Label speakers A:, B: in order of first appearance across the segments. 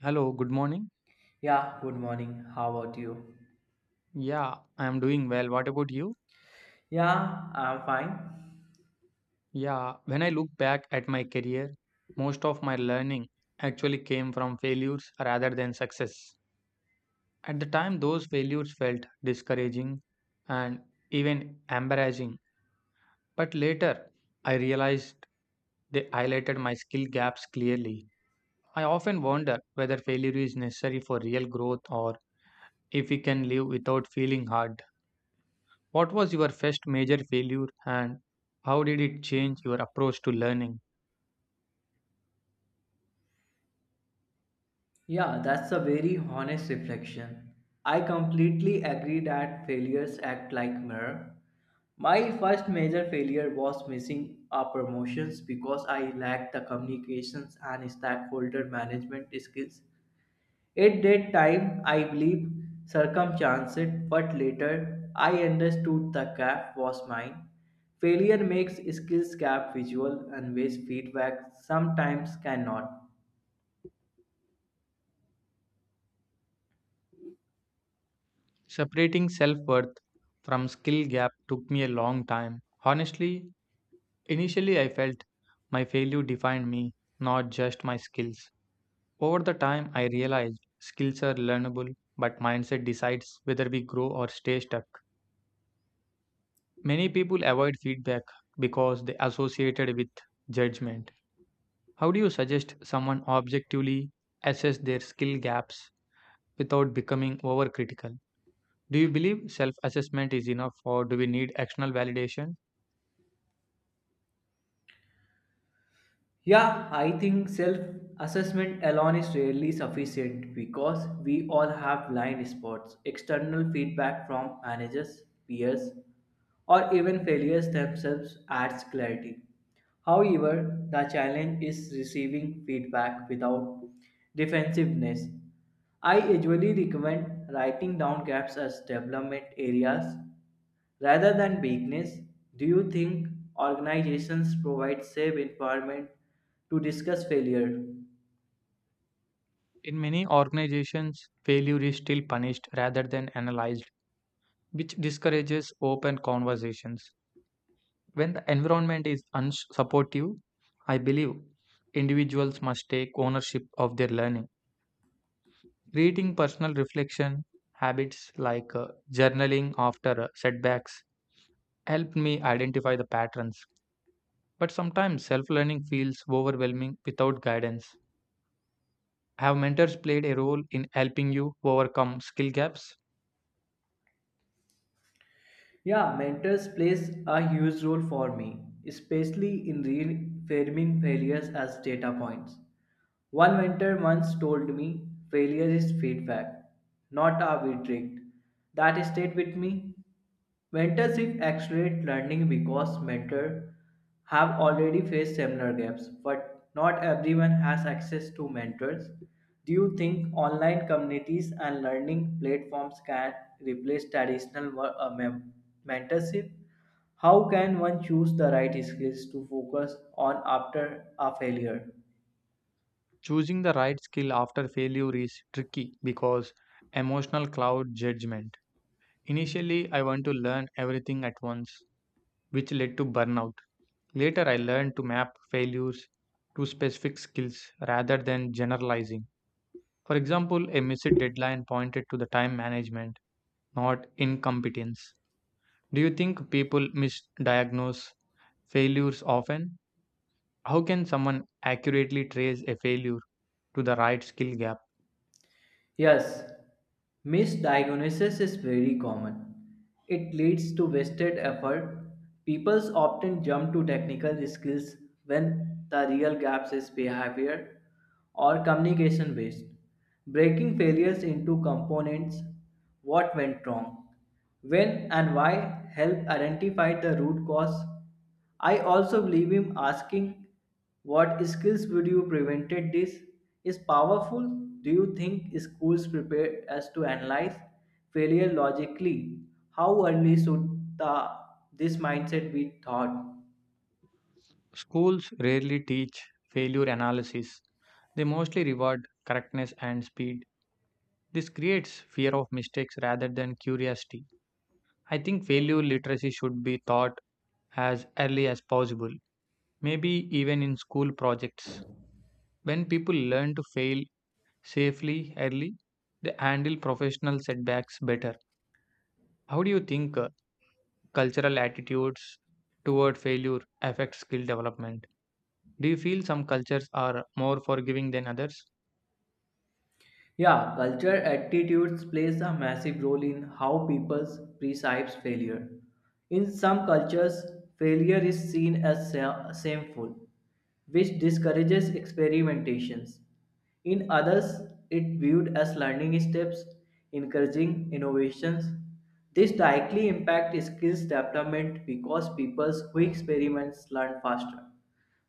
A: Hello, good morning.
B: Yeah, good morning. How about you?
A: Yeah, I am doing well. What about you?
B: Yeah, I'm fine.
A: Yeah, when I look back at my career, most of my learning actually came from failures rather than success. At the time, those failures felt discouraging and even embarrassing. But later, I realized they highlighted my skill gaps clearly. I often wonder whether failure is necessary for real growth or if we can live without feeling hard. What was your first major failure and how did it change your approach to learning?
B: Yeah, that's a very honest reflection. I completely agree that failures act like mirror. My first major failure was missing a promotions because I lacked the communications and stakeholder management skills. At that time, I believed circumstances, but later I understood the gap was mine. Failure makes skills gap visual and ways feedback sometimes cannot.
A: Separating self worth from skill gap took me a long time. Honestly, initially I felt my failure defined me, not just my skills. Over the time, I realized skills are learnable, but mindset decides whether we grow or stay stuck. Many people avoid feedback because they associate it with judgment. How do you suggest someone objectively assess their skill gaps without becoming overcritical? Do you believe self assessment is enough, or do we need external validation?
B: Yeah, I think self assessment alone is rarely sufficient because we all have blind spots. External feedback from managers, peers, or even failures themselves adds clarity. However, the challenge is receiving feedback without defensiveness. I usually recommend writing down gaps as development areas. Rather than weakness, do you think organizations provide safe environment to discuss failure?
A: In many organizations, failure is still punished rather than analyzed, which discourages open conversations. When the environment is unsupportive, I believe individuals must take ownership of their learning. Creating personal reflection habits like journaling after setbacks helped me identify the patterns. But sometimes self learning feels overwhelming without guidance. Have mentors played a role in helping you overcome skill gaps?
B: Yeah, mentors plays a huge role for me, especially in reframing failures as data points. One mentor once told me failure is feedback, not a verdict. That stayed with me. Mentorship accelerates learning because mentors have already faced similar gaps, but not everyone has access to mentors. Do you think online communities and learning platforms can replace traditional mentorship? How can one choose the right skills to focus on after a failure?
A: Choosing the right skill after failure is tricky because emotional cloud judgment. Initially, I want to learn everything at once, which led to burnout. Later, I learned to map failures to specific skills rather than generalizing. For example, a missed deadline pointed to the time management, not incompetence. Do you think people misdiagnose failures often? How can someone accurately trace a failure to the right skill gap?
B: Yes, misdiagnosis is very common. It leads to wasted effort. People often jump to technical skills when the real gaps is behavior or communication based. Breaking failures into components, what went wrong, when and why help identify the root cause. I also believe him asking what skills would you prevented this is powerful. Do you think schools prepare us to analyze failure logically? How early should this mindset be taught?
A: Schools rarely teach failure analysis. They mostly reward correctness and speed. This creates fear of mistakes rather than curiosity. I think failure literacy should be taught as early as possible, maybe even in school projects. When people learn to fail safely early, they handle professional setbacks better. How do you think cultural attitudes toward failure affect skill development? Do you feel some cultures are more forgiving than others?
B: Yeah, culture attitudes plays a massive role in how people perceive failure. In some cultures, failure is seen as shameful, which discourages experimentations. In others, it viewed as learning steps, encouraging innovations. This directly impacts skills development because people who experiment learn faster.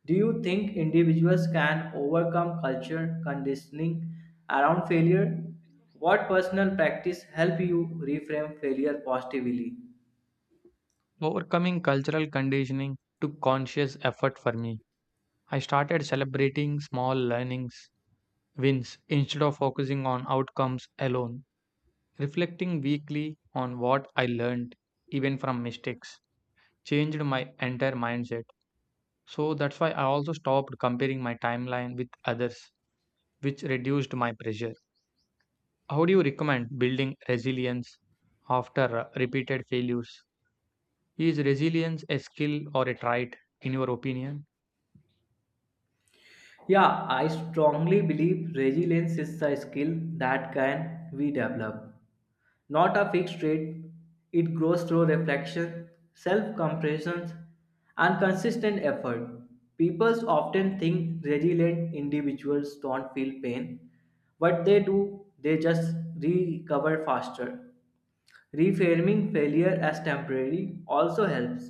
B: Do you think individuals can overcome culture conditioning around failure? What personal practice help you reframe failure positively?
A: Overcoming cultural conditioning took conscious effort for me. I started celebrating small learnings, wins, instead of focusing on outcomes alone. Reflecting weekly on what I learned, even from mistakes, changed my entire mindset. So that's why I also stopped comparing my timeline with others, which reduced my pressure. How do you recommend building resilience after repeated failures? Is resilience a skill or a trait, in your opinion?
B: Yeah, I strongly believe resilience is a skill that can be developed. Not a fixed rate, it grows through reflection, self compassion, and consistent effort. People often think resilient individuals don't feel pain. What they do, they just recover faster. Reframing failure as temporary also helps.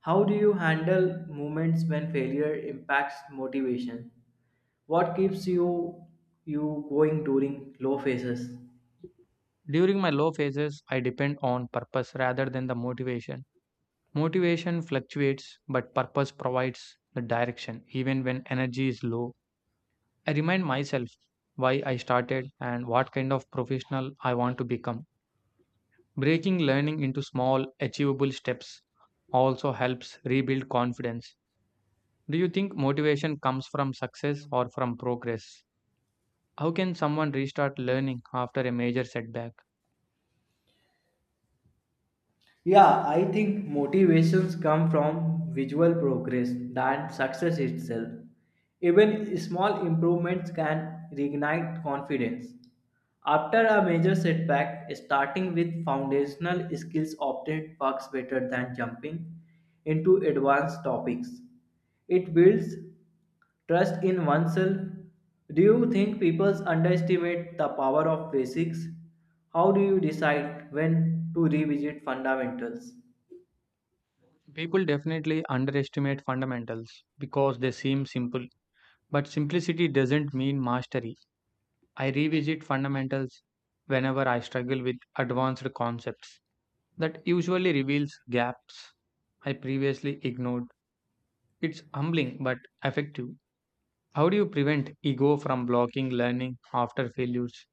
B: How do you handle moments when failure impacts motivation? What keeps you going during low phases?
A: During my low phases, I depend on purpose rather than the motivation. Motivation fluctuates, but purpose provides the direction even when energy is low. I remind myself why I started and what kind of professional I want to become. Breaking learning into small, achievable steps also helps rebuild confidence. Do you think motivation comes from success or from progress? How can someone restart learning after a major setback?
B: Yeah, I think motivations come from visual progress than success itself. Even small improvements can reignite confidence. After a major setback, starting with foundational skills often works better than jumping into advanced topics. It builds trust in oneself. Do you think people underestimate the power of basics? How do you decide when to revisit fundamentals?
A: People definitely underestimate fundamentals because they seem simple, but simplicity doesn't mean mastery. I revisit fundamentals whenever I struggle with advanced concepts that usually reveals gaps I previously ignored. It's humbling but effective. How do you prevent ego from blocking learning after failures?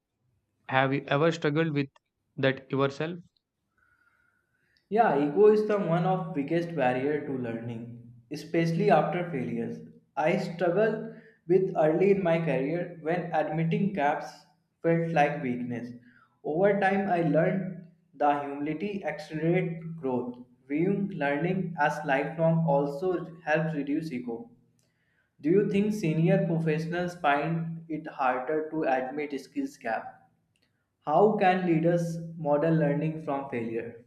A: Have you ever struggled with that yourself?
B: Yeah, ego is the one of biggest barrier to learning, especially after failures. I struggled with early in my career when admitting gaps felt like weakness. Over time, I learned the humility accelerate growth. Viewing learning as lifelong also helps reduce ego. Do you think senior professionals find it harder to admit skills gap? How can leaders model learning from failure?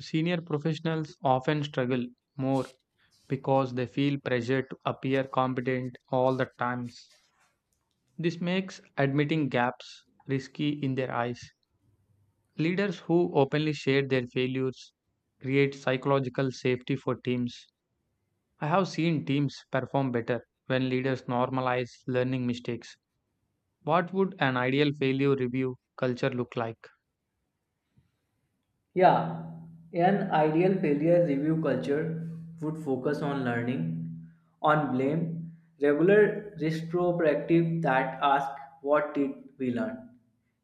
A: Senior professionals often struggle more because they feel pressure to appear competent all the times. This makes admitting gaps risky in their eyes. Leaders who openly share their failures create psychological safety for teams. I have seen teams perform better when leaders normalize learning mistakes. What would an ideal failure review culture look like?
B: Yeah, an ideal failure review culture would focus on learning, on blame, regular retrospective that ask what did we learn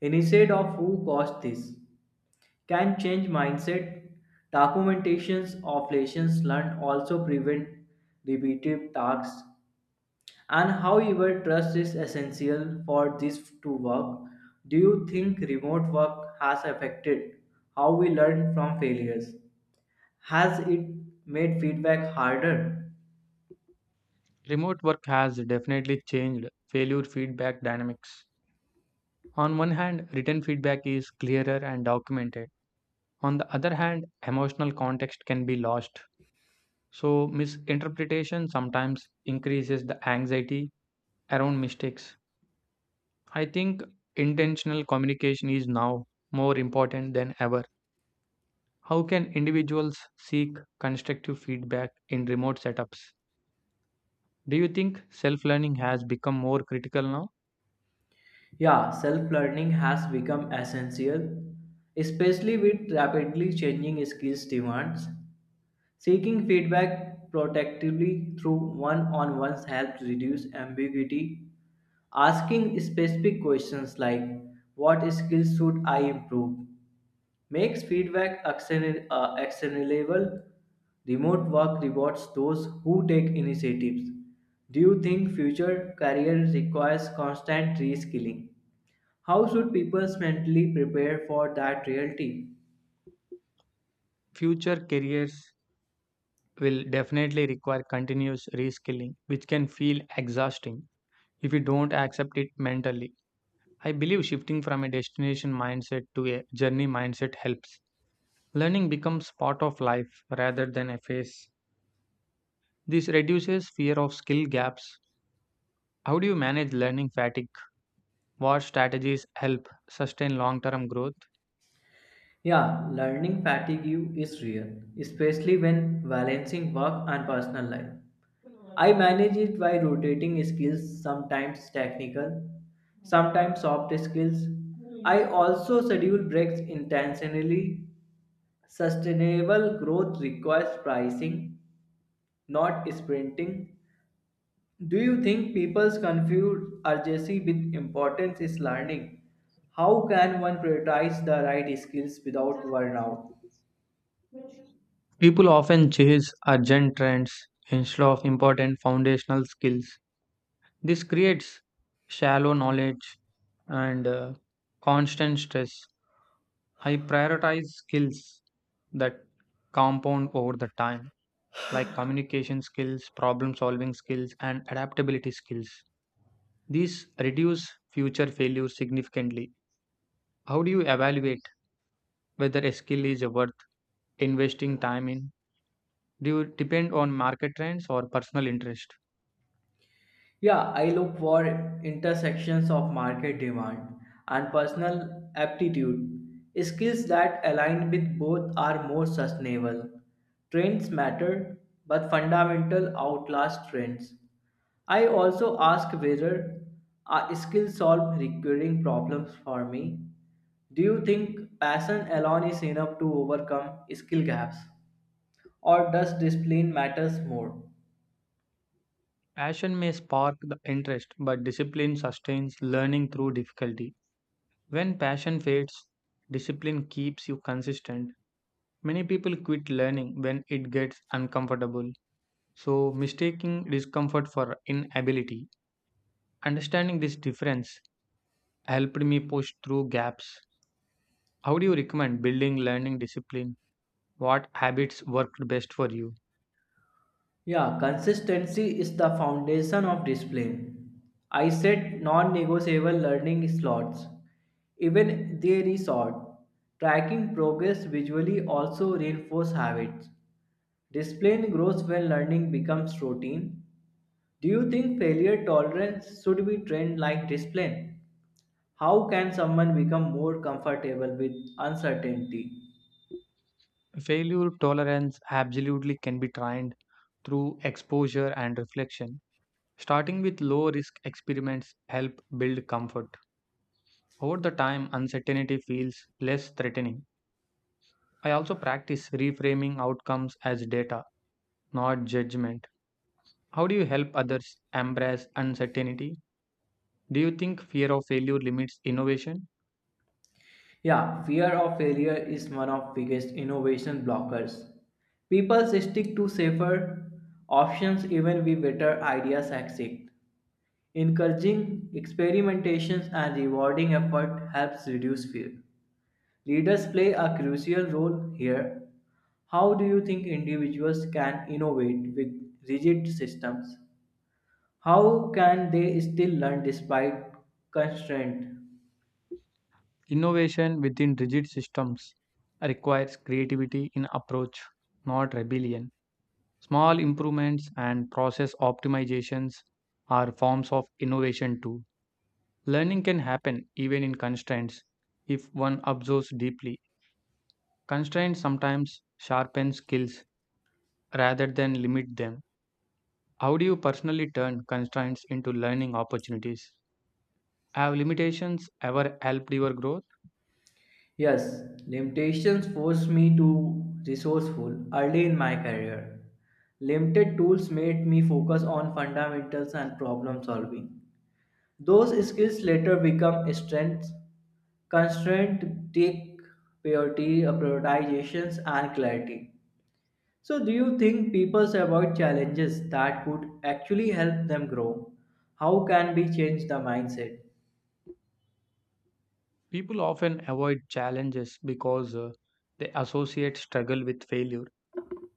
B: instead of who caused this can change mindset. Documentations of lessons learned also prevent repetitive tasks. And however, trust is essential for this to work. Do you think remote work has affected how we learn from failures? Has it made feedback harder?
A: Remote work has definitely changed failure feedback dynamics. On one hand, written feedback is clearer and documented. On the other hand, emotional context can be lost. So, misinterpretation sometimes increases the anxiety around mistakes. I think intentional communication is now more important than ever. How can individuals seek constructive feedback in remote setups? Do you think self learning has become more critical now?
B: Yeah, self learning has become essential, especially with rapidly changing skills demands. Seeking feedback protectively through one on ones helps reduce ambiguity. Asking specific questions like, what skills should I improve? Makes feedback actionable, actionable. Remote work rewards those who take initiatives. Do you think future career requires constant reskilling? How should people mentally prepare for that reality?
A: Future careers will definitely require continuous reskilling, which can feel exhausting if you don't accept it mentally. I believe shifting from a destination mindset to a journey mindset helps. Learning becomes part of life rather than a phase. This reduces fear of skill gaps. How do you manage learning fatigue? What strategies help sustain long term growth?
B: Yeah, learning fatigue is real, especially when balancing work and personal life. I manage it by rotating skills, sometimes technical, sometimes soft skills. I also schedule breaks intentionally. Sustainable growth requires pricing, not sprinting. Do you think people confuse urgency with importance is learning? How can one prioritize the right skills without burnout?
A: People often chase urgent trends instead of important foundational skills. This creates shallow knowledge and constant stress. I prioritize skills that compound over the time, like communication skills, problem solving skills, and adaptability skills. These reduce future failures significantly. How do you evaluate whether a skill is worth investing time in? Do you depend on market trends or personal interest?
B: Yeah, I look for intersections of market demand and personal aptitude. Skills that align with both are more sustainable. Trends matter, but fundamental outlast trends. I also ask whether a skill solve recurring problems for me. Do you think passion alone is enough to overcome skill gaps? Or does discipline matters more?
A: Passion may spark the interest, but discipline sustains learning through difficulty. When passion fades, discipline keeps you consistent. Many people quit learning when it gets uncomfortable, so mistaking discomfort for inability. Understanding this difference helped me push through gaps. How do you recommend building learning discipline? What habits worked best for you?
B: Yeah, consistency is the foundation of discipline. I set non-negotiable learning slots, even they are short. Tracking progress visually also reinforces habits. Discipline grows when learning becomes routine. Do you think failure tolerance should be trained like discipline? How can someone become more comfortable with uncertainty?
A: Failure tolerance absolutely can be trained through exposure and reflection. Starting with low risk experiments help build comfort. Over the time, uncertainty feels less threatening. I also practice reframing outcomes as data, not judgment. How do you help others embrace uncertainty? Do you think fear of failure limits innovation?
B: Yeah, fear of failure is one of biggest innovation blockers. People stick to safer options even when better ideas exist. Encouraging experimentations and rewarding effort helps reduce fear. Leaders play a crucial role here. How do you think individuals can innovate with rigid systems? How can they still learn despite constraint?
A: Innovation within rigid systems requires creativity in approach, not rebellion. Small improvements and process optimizations are forms of innovation too. Learning can happen even in constraints if one observes deeply. Constraints sometimes sharpen skills rather than limit them. How do you personally turn constraints into learning opportunities? Have limitations ever helped your growth?
B: Yes, limitations forced me to resourceful early in my career. Limited tools made me focus on fundamentals and problem solving. Those skills later become strengths. Constraint take priority, prioritizations, and clarity. So, do you think people avoid challenges that could actually help them grow? How can we change the mindset?
A: People often avoid challenges because they associate struggle with failure.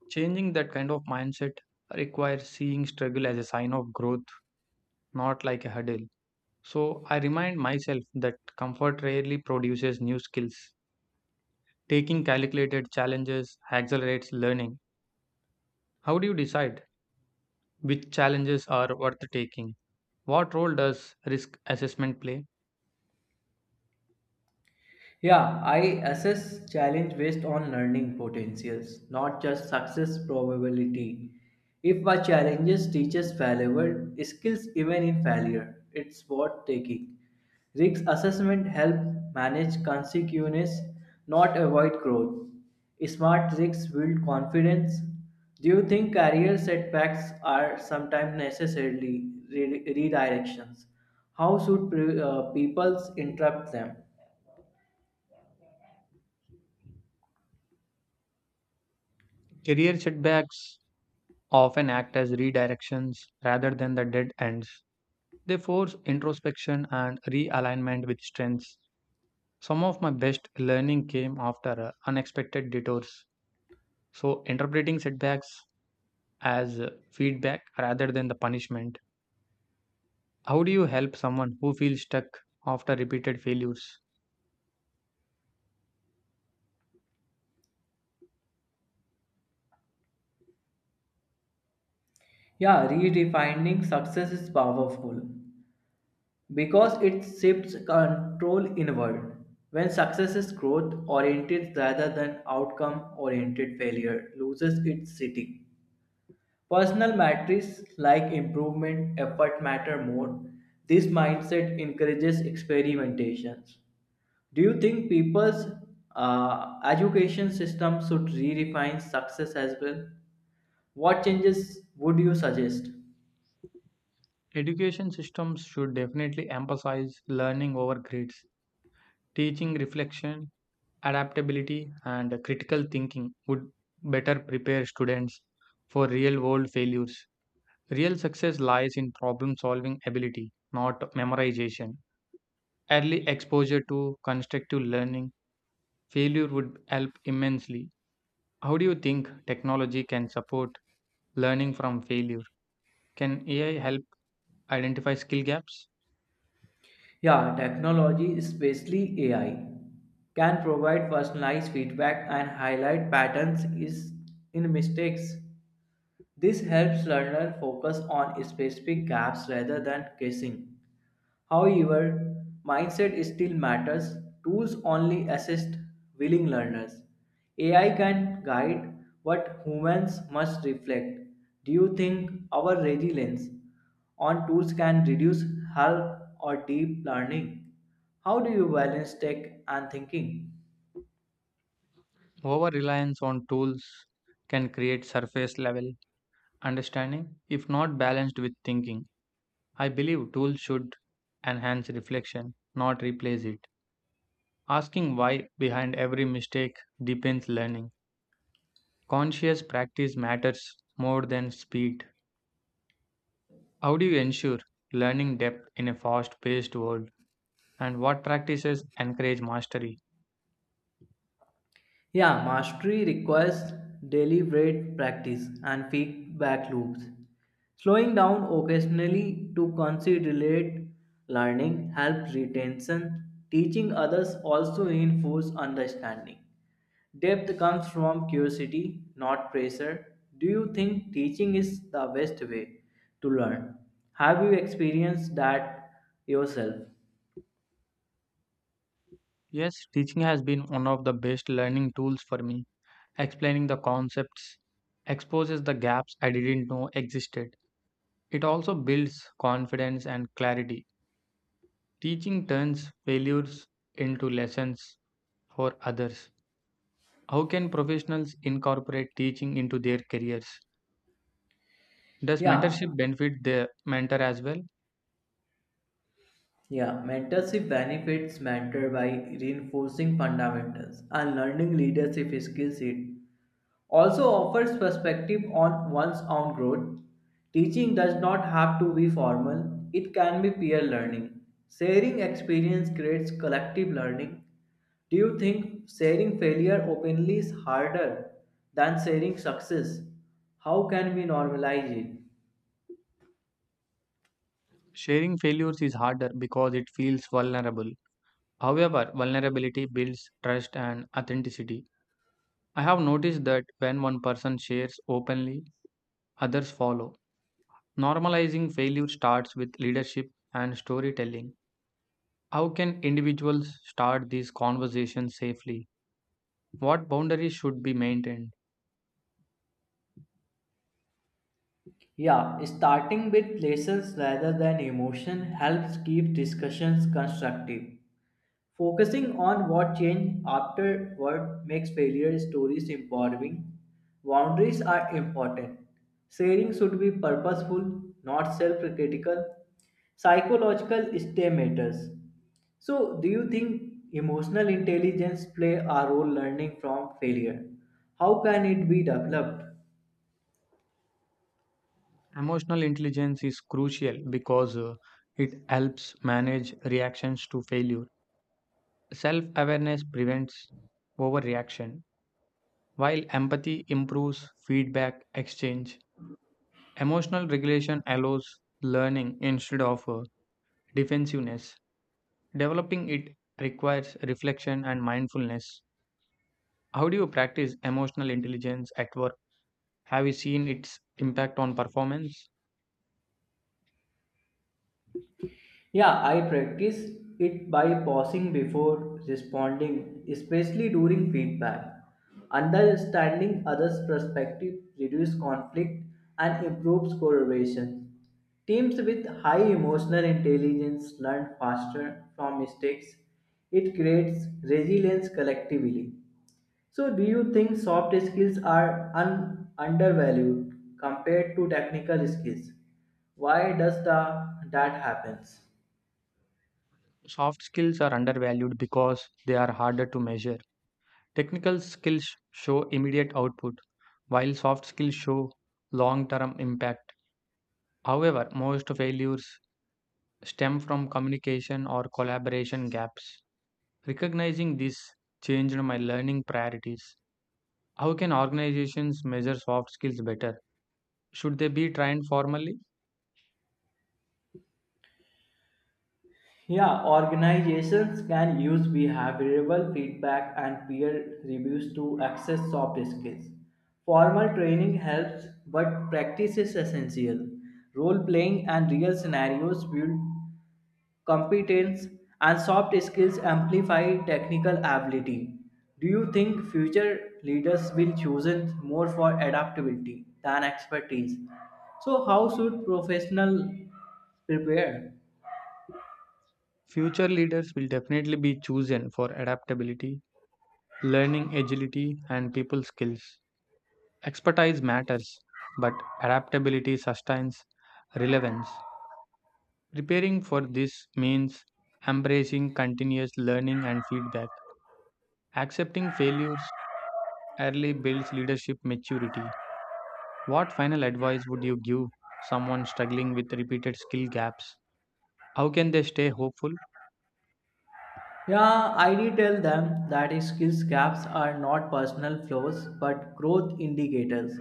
A: Changing that kind of mindset requires seeing struggle as a sign of growth, not like a hurdle. So I remind myself that comfort rarely produces new skills. Taking calculated challenges accelerates learning. How do you decide which challenges are worth taking? What role does risk assessment play?
B: Yeah, I assess challenge based on learning potentials, not just success probability. If my challenges teaches valuable skills even in failure, it's worth taking. Risk assessment help manage consequences, not avoid growth. Smart risks build confidence. Do you think career setbacks are sometimes necessarily redirections? How should people interrupt them?
A: Career setbacks often act as redirections rather than the dead ends. They force introspection and realignment with strengths. Some of my best learning came after unexpected detours. So, interpreting setbacks as feedback rather than the punishment. How do you help someone who feels stuck after repeated failures?
B: Yeah, redefining success is powerful because it shifts control inward. When success is growth oriented rather than outcome oriented, failure loses its sitting. Personal metrics like improvement, effort matter more. This mindset encourages experimentations. Do you think people's education system should redefine success as well? What changes would you suggest?
A: Education systems should definitely emphasize learning over grades. Teaching reflection, adaptability, and critical thinking would better prepare students for real world failures. Real success lies in problem solving ability, not memorization. Early exposure to constructive learning, failure would help immensely. How do you think technology can support learning from failure? Can AI help identify skill gaps?
B: Yeah, technology, especially AI, can provide personalized feedback and highlight patterns is in mistakes. This helps learners focus on specific gaps rather than guessing. However, mindset still matters. Tools only assist willing learners. AI can guide, but humans must reflect. Do you think our resilience on tools can reduce help or deep learning? How do you balance tech and thinking?
A: Over reliance on tools can create surface level understanding if not balanced with thinking. I believe tools should enhance reflection, not replace it. Asking why behind every mistake deepens learning. Conscious practice matters more than speed. How do you ensure learning depth in a fast paced world? And what practices encourage mastery?
B: Yeah, mastery requires deliberate practice and feedback loops. Slowing down occasionally to consolidate learning helps retention. Teaching others also reinforces understanding. Depth comes from curiosity, not pressure. Do you think teaching is the best way to learn? Have you experienced that yourself?
A: Yes, teaching has been one of the best learning tools for me. Explaining the concepts exposes the gaps I didn't know existed. It also builds confidence and clarity. Teaching turns failures into lessons for others. How can professionals incorporate teaching into their careers? Does
B: Yeah,
A: mentorship benefit the mentor as well?
B: Yeah, mentorship benefits mentor by reinforcing fundamentals and learning leadership skills. It also offers perspective on one's own growth. Teaching does not have to be formal, it can be peer learning. Sharing experience creates collective learning. Do you think sharing failure openly is harder than sharing success? How can we normalize it?
A: Sharing failures is harder because it feels vulnerable. However, vulnerability builds trust and authenticity. I have noticed that when one person shares openly, others follow. Normalizing failure starts with leadership and storytelling. How can individuals start these conversations safely? What boundaries should be maintained?
B: Yeah, starting with lessons rather than emotion helps keep discussions constructive. Focusing on what changed afterward makes failure stories empowering. Boundaries are important. Sharing should be purposeful, not self critical. Psychological stay matters. So, do you think emotional intelligence play a role learning from failure? How can it be developed?
A: Emotional intelligence is crucial because it helps manage reactions to failure. Self awareness prevents overreaction, while empathy improves feedback exchange. Emotional regulation allows learning instead of defensiveness. Developing it requires reflection and mindfulness. How do you practice emotional intelligence at work? Have you seen its impact on performance?
B: Yeah, I practice it by pausing before responding, especially during feedback. Understanding others' perspective reduces conflict and improves collaboration. Teams with high emotional intelligence learn faster from mistakes. It creates resilience collectively. So, do you think soft skills are undervalued compared to technical skills? Why does that happens?
A: Soft skills are undervalued because they are harder to measure. Technical skills show immediate output, while soft skills show long term impact. However, most failures stem from communication or collaboration gaps. Recognizing this changed my learning priorities. How can organizations measure soft skills better? Should they be trained formally?
B: Yeah, organizations can use behavioral feedback and peer reviews to access soft skills. Formal training helps, but practice is essential. Role playing and real scenarios build competence, and soft skills amplify technical ability. Do you think future leaders will choose it more for adaptability than expertise? So, how should professionals prepare?
A: Future leaders will definitely be chosen for adaptability, learning agility, and people skills. Expertise matters, but adaptability sustains relevance. Preparing for this means embracing continuous learning and feedback. Accepting failures early builds leadership maturity. What final advice would you give someone struggling with repeated skill gaps? How can they stay hopeful?
B: Yeah, I did tell them that skills gaps are not personal flaws but growth indicators.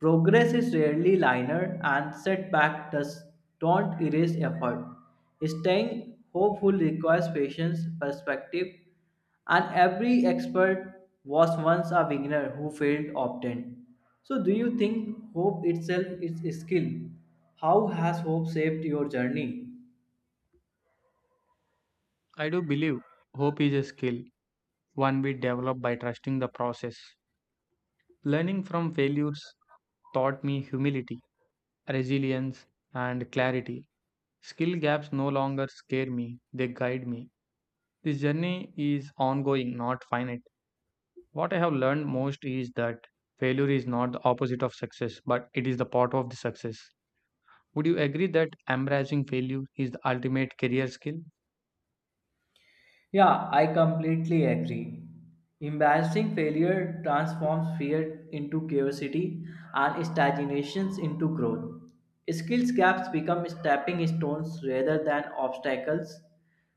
B: Progress is rarely linear and setback does don't erase effort. Staying hopeful requires patience, perspective, and every expert was once a beginner who failed often. So do you think hope itself is a skill? How has hope shaped your journey?
A: I do believe hope is a skill one we develop by trusting the process. Learning from failures taught me humility, resilience, and clarity. Skill gaps no longer scare me, they guide me. This journey is ongoing, not finite. What I have learned most is that failure is not the opposite of success, but it is the part of the success. Would you agree that embracing failure is the ultimate career skill?
B: Yeah, I completely agree. Embarrassing failure transforms fear into curiosity and stagnations into growth. Skills gaps become stepping stones rather than obstacles.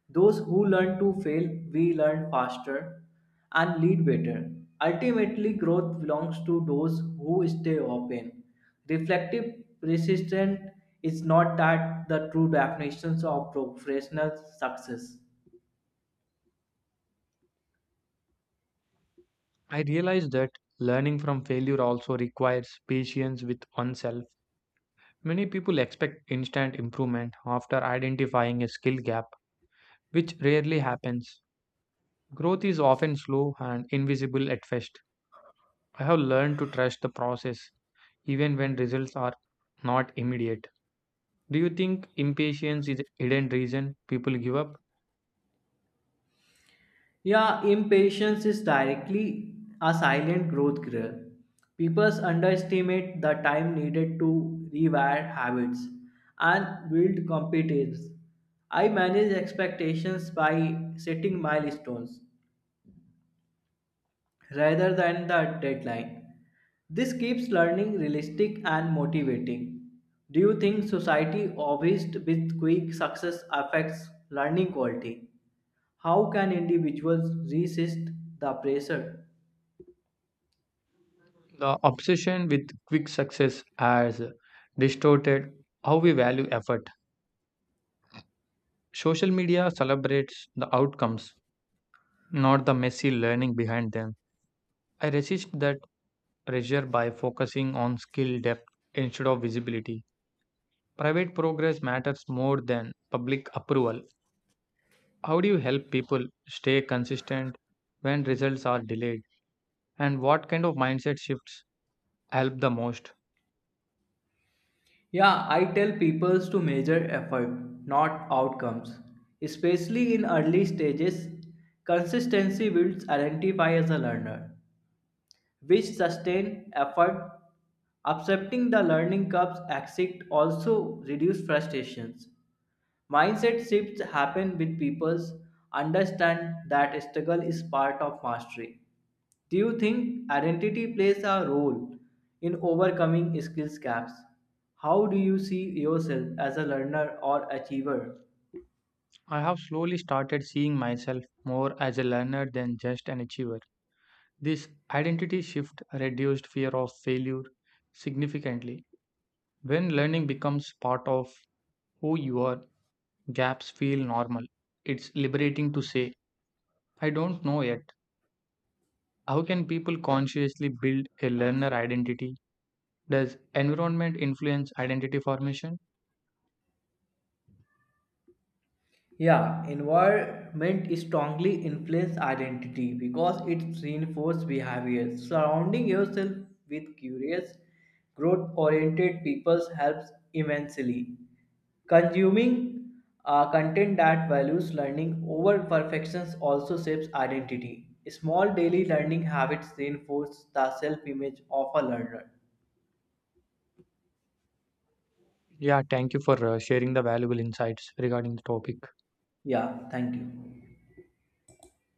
B: Those who learn to fail, we learn faster and lead better. Ultimately, growth belongs to those who stay open. Reflective persistence is not that the true definitions of professional success.
A: I realized that learning from failure also requires patience with oneself. Many people expect instant improvement after identifying a skill gap, which rarely happens. Growth is often slow and invisible at first. I have learned to trust the process even when results are not immediate. Do you think impatience is a hidden reason people give up?
B: Yeah, impatience is directly a silent growth killer. People underestimate the time needed to rewire habits and build competence. I manage expectations by setting milestones rather than the deadline. This keeps learning realistic and motivating. Do you think society obsessed with quick success affects learning quality? How can individuals resist the pressure?
A: The obsession with quick success has distorted how we value effort. Social media celebrates the outcomes, not the messy learning behind them. I resist that pressure by focusing on skill depth instead of visibility. Private progress matters more than public approval. How do you help people stay consistent when results are delayed? And what kind of mindset shifts help the most?
B: Yeah, I tell people to measure effort, not outcomes. Especially in early stages, consistency builds identify as a learner, which sustain effort. Accepting the learning curves exit also reduce frustrations. Mindset shifts happen with people's understand that struggle is part of mastery. Do you think identity plays a role in overcoming skills gaps? How do you see yourself as a learner or achiever?
A: I have slowly started seeing myself more as a learner than just an achiever. This identity shift reduced fear of failure significantly. When learning becomes part of who you are, gaps feel normal. It's liberating to say, I don't know yet. How can people consciously build a learner identity? Does environment influence identity formation?
B: Yeah, environment strongly influence identity because it reinforces behavior. Surrounding yourself with curious, growth-oriented people helps immensely. Consuming content that values learning over perfections also shapes identity. Small daily learning habits reinforce the self-image of a learner.
A: Yeah, thank you for sharing the valuable insights regarding the topic.
B: Yeah, thank you.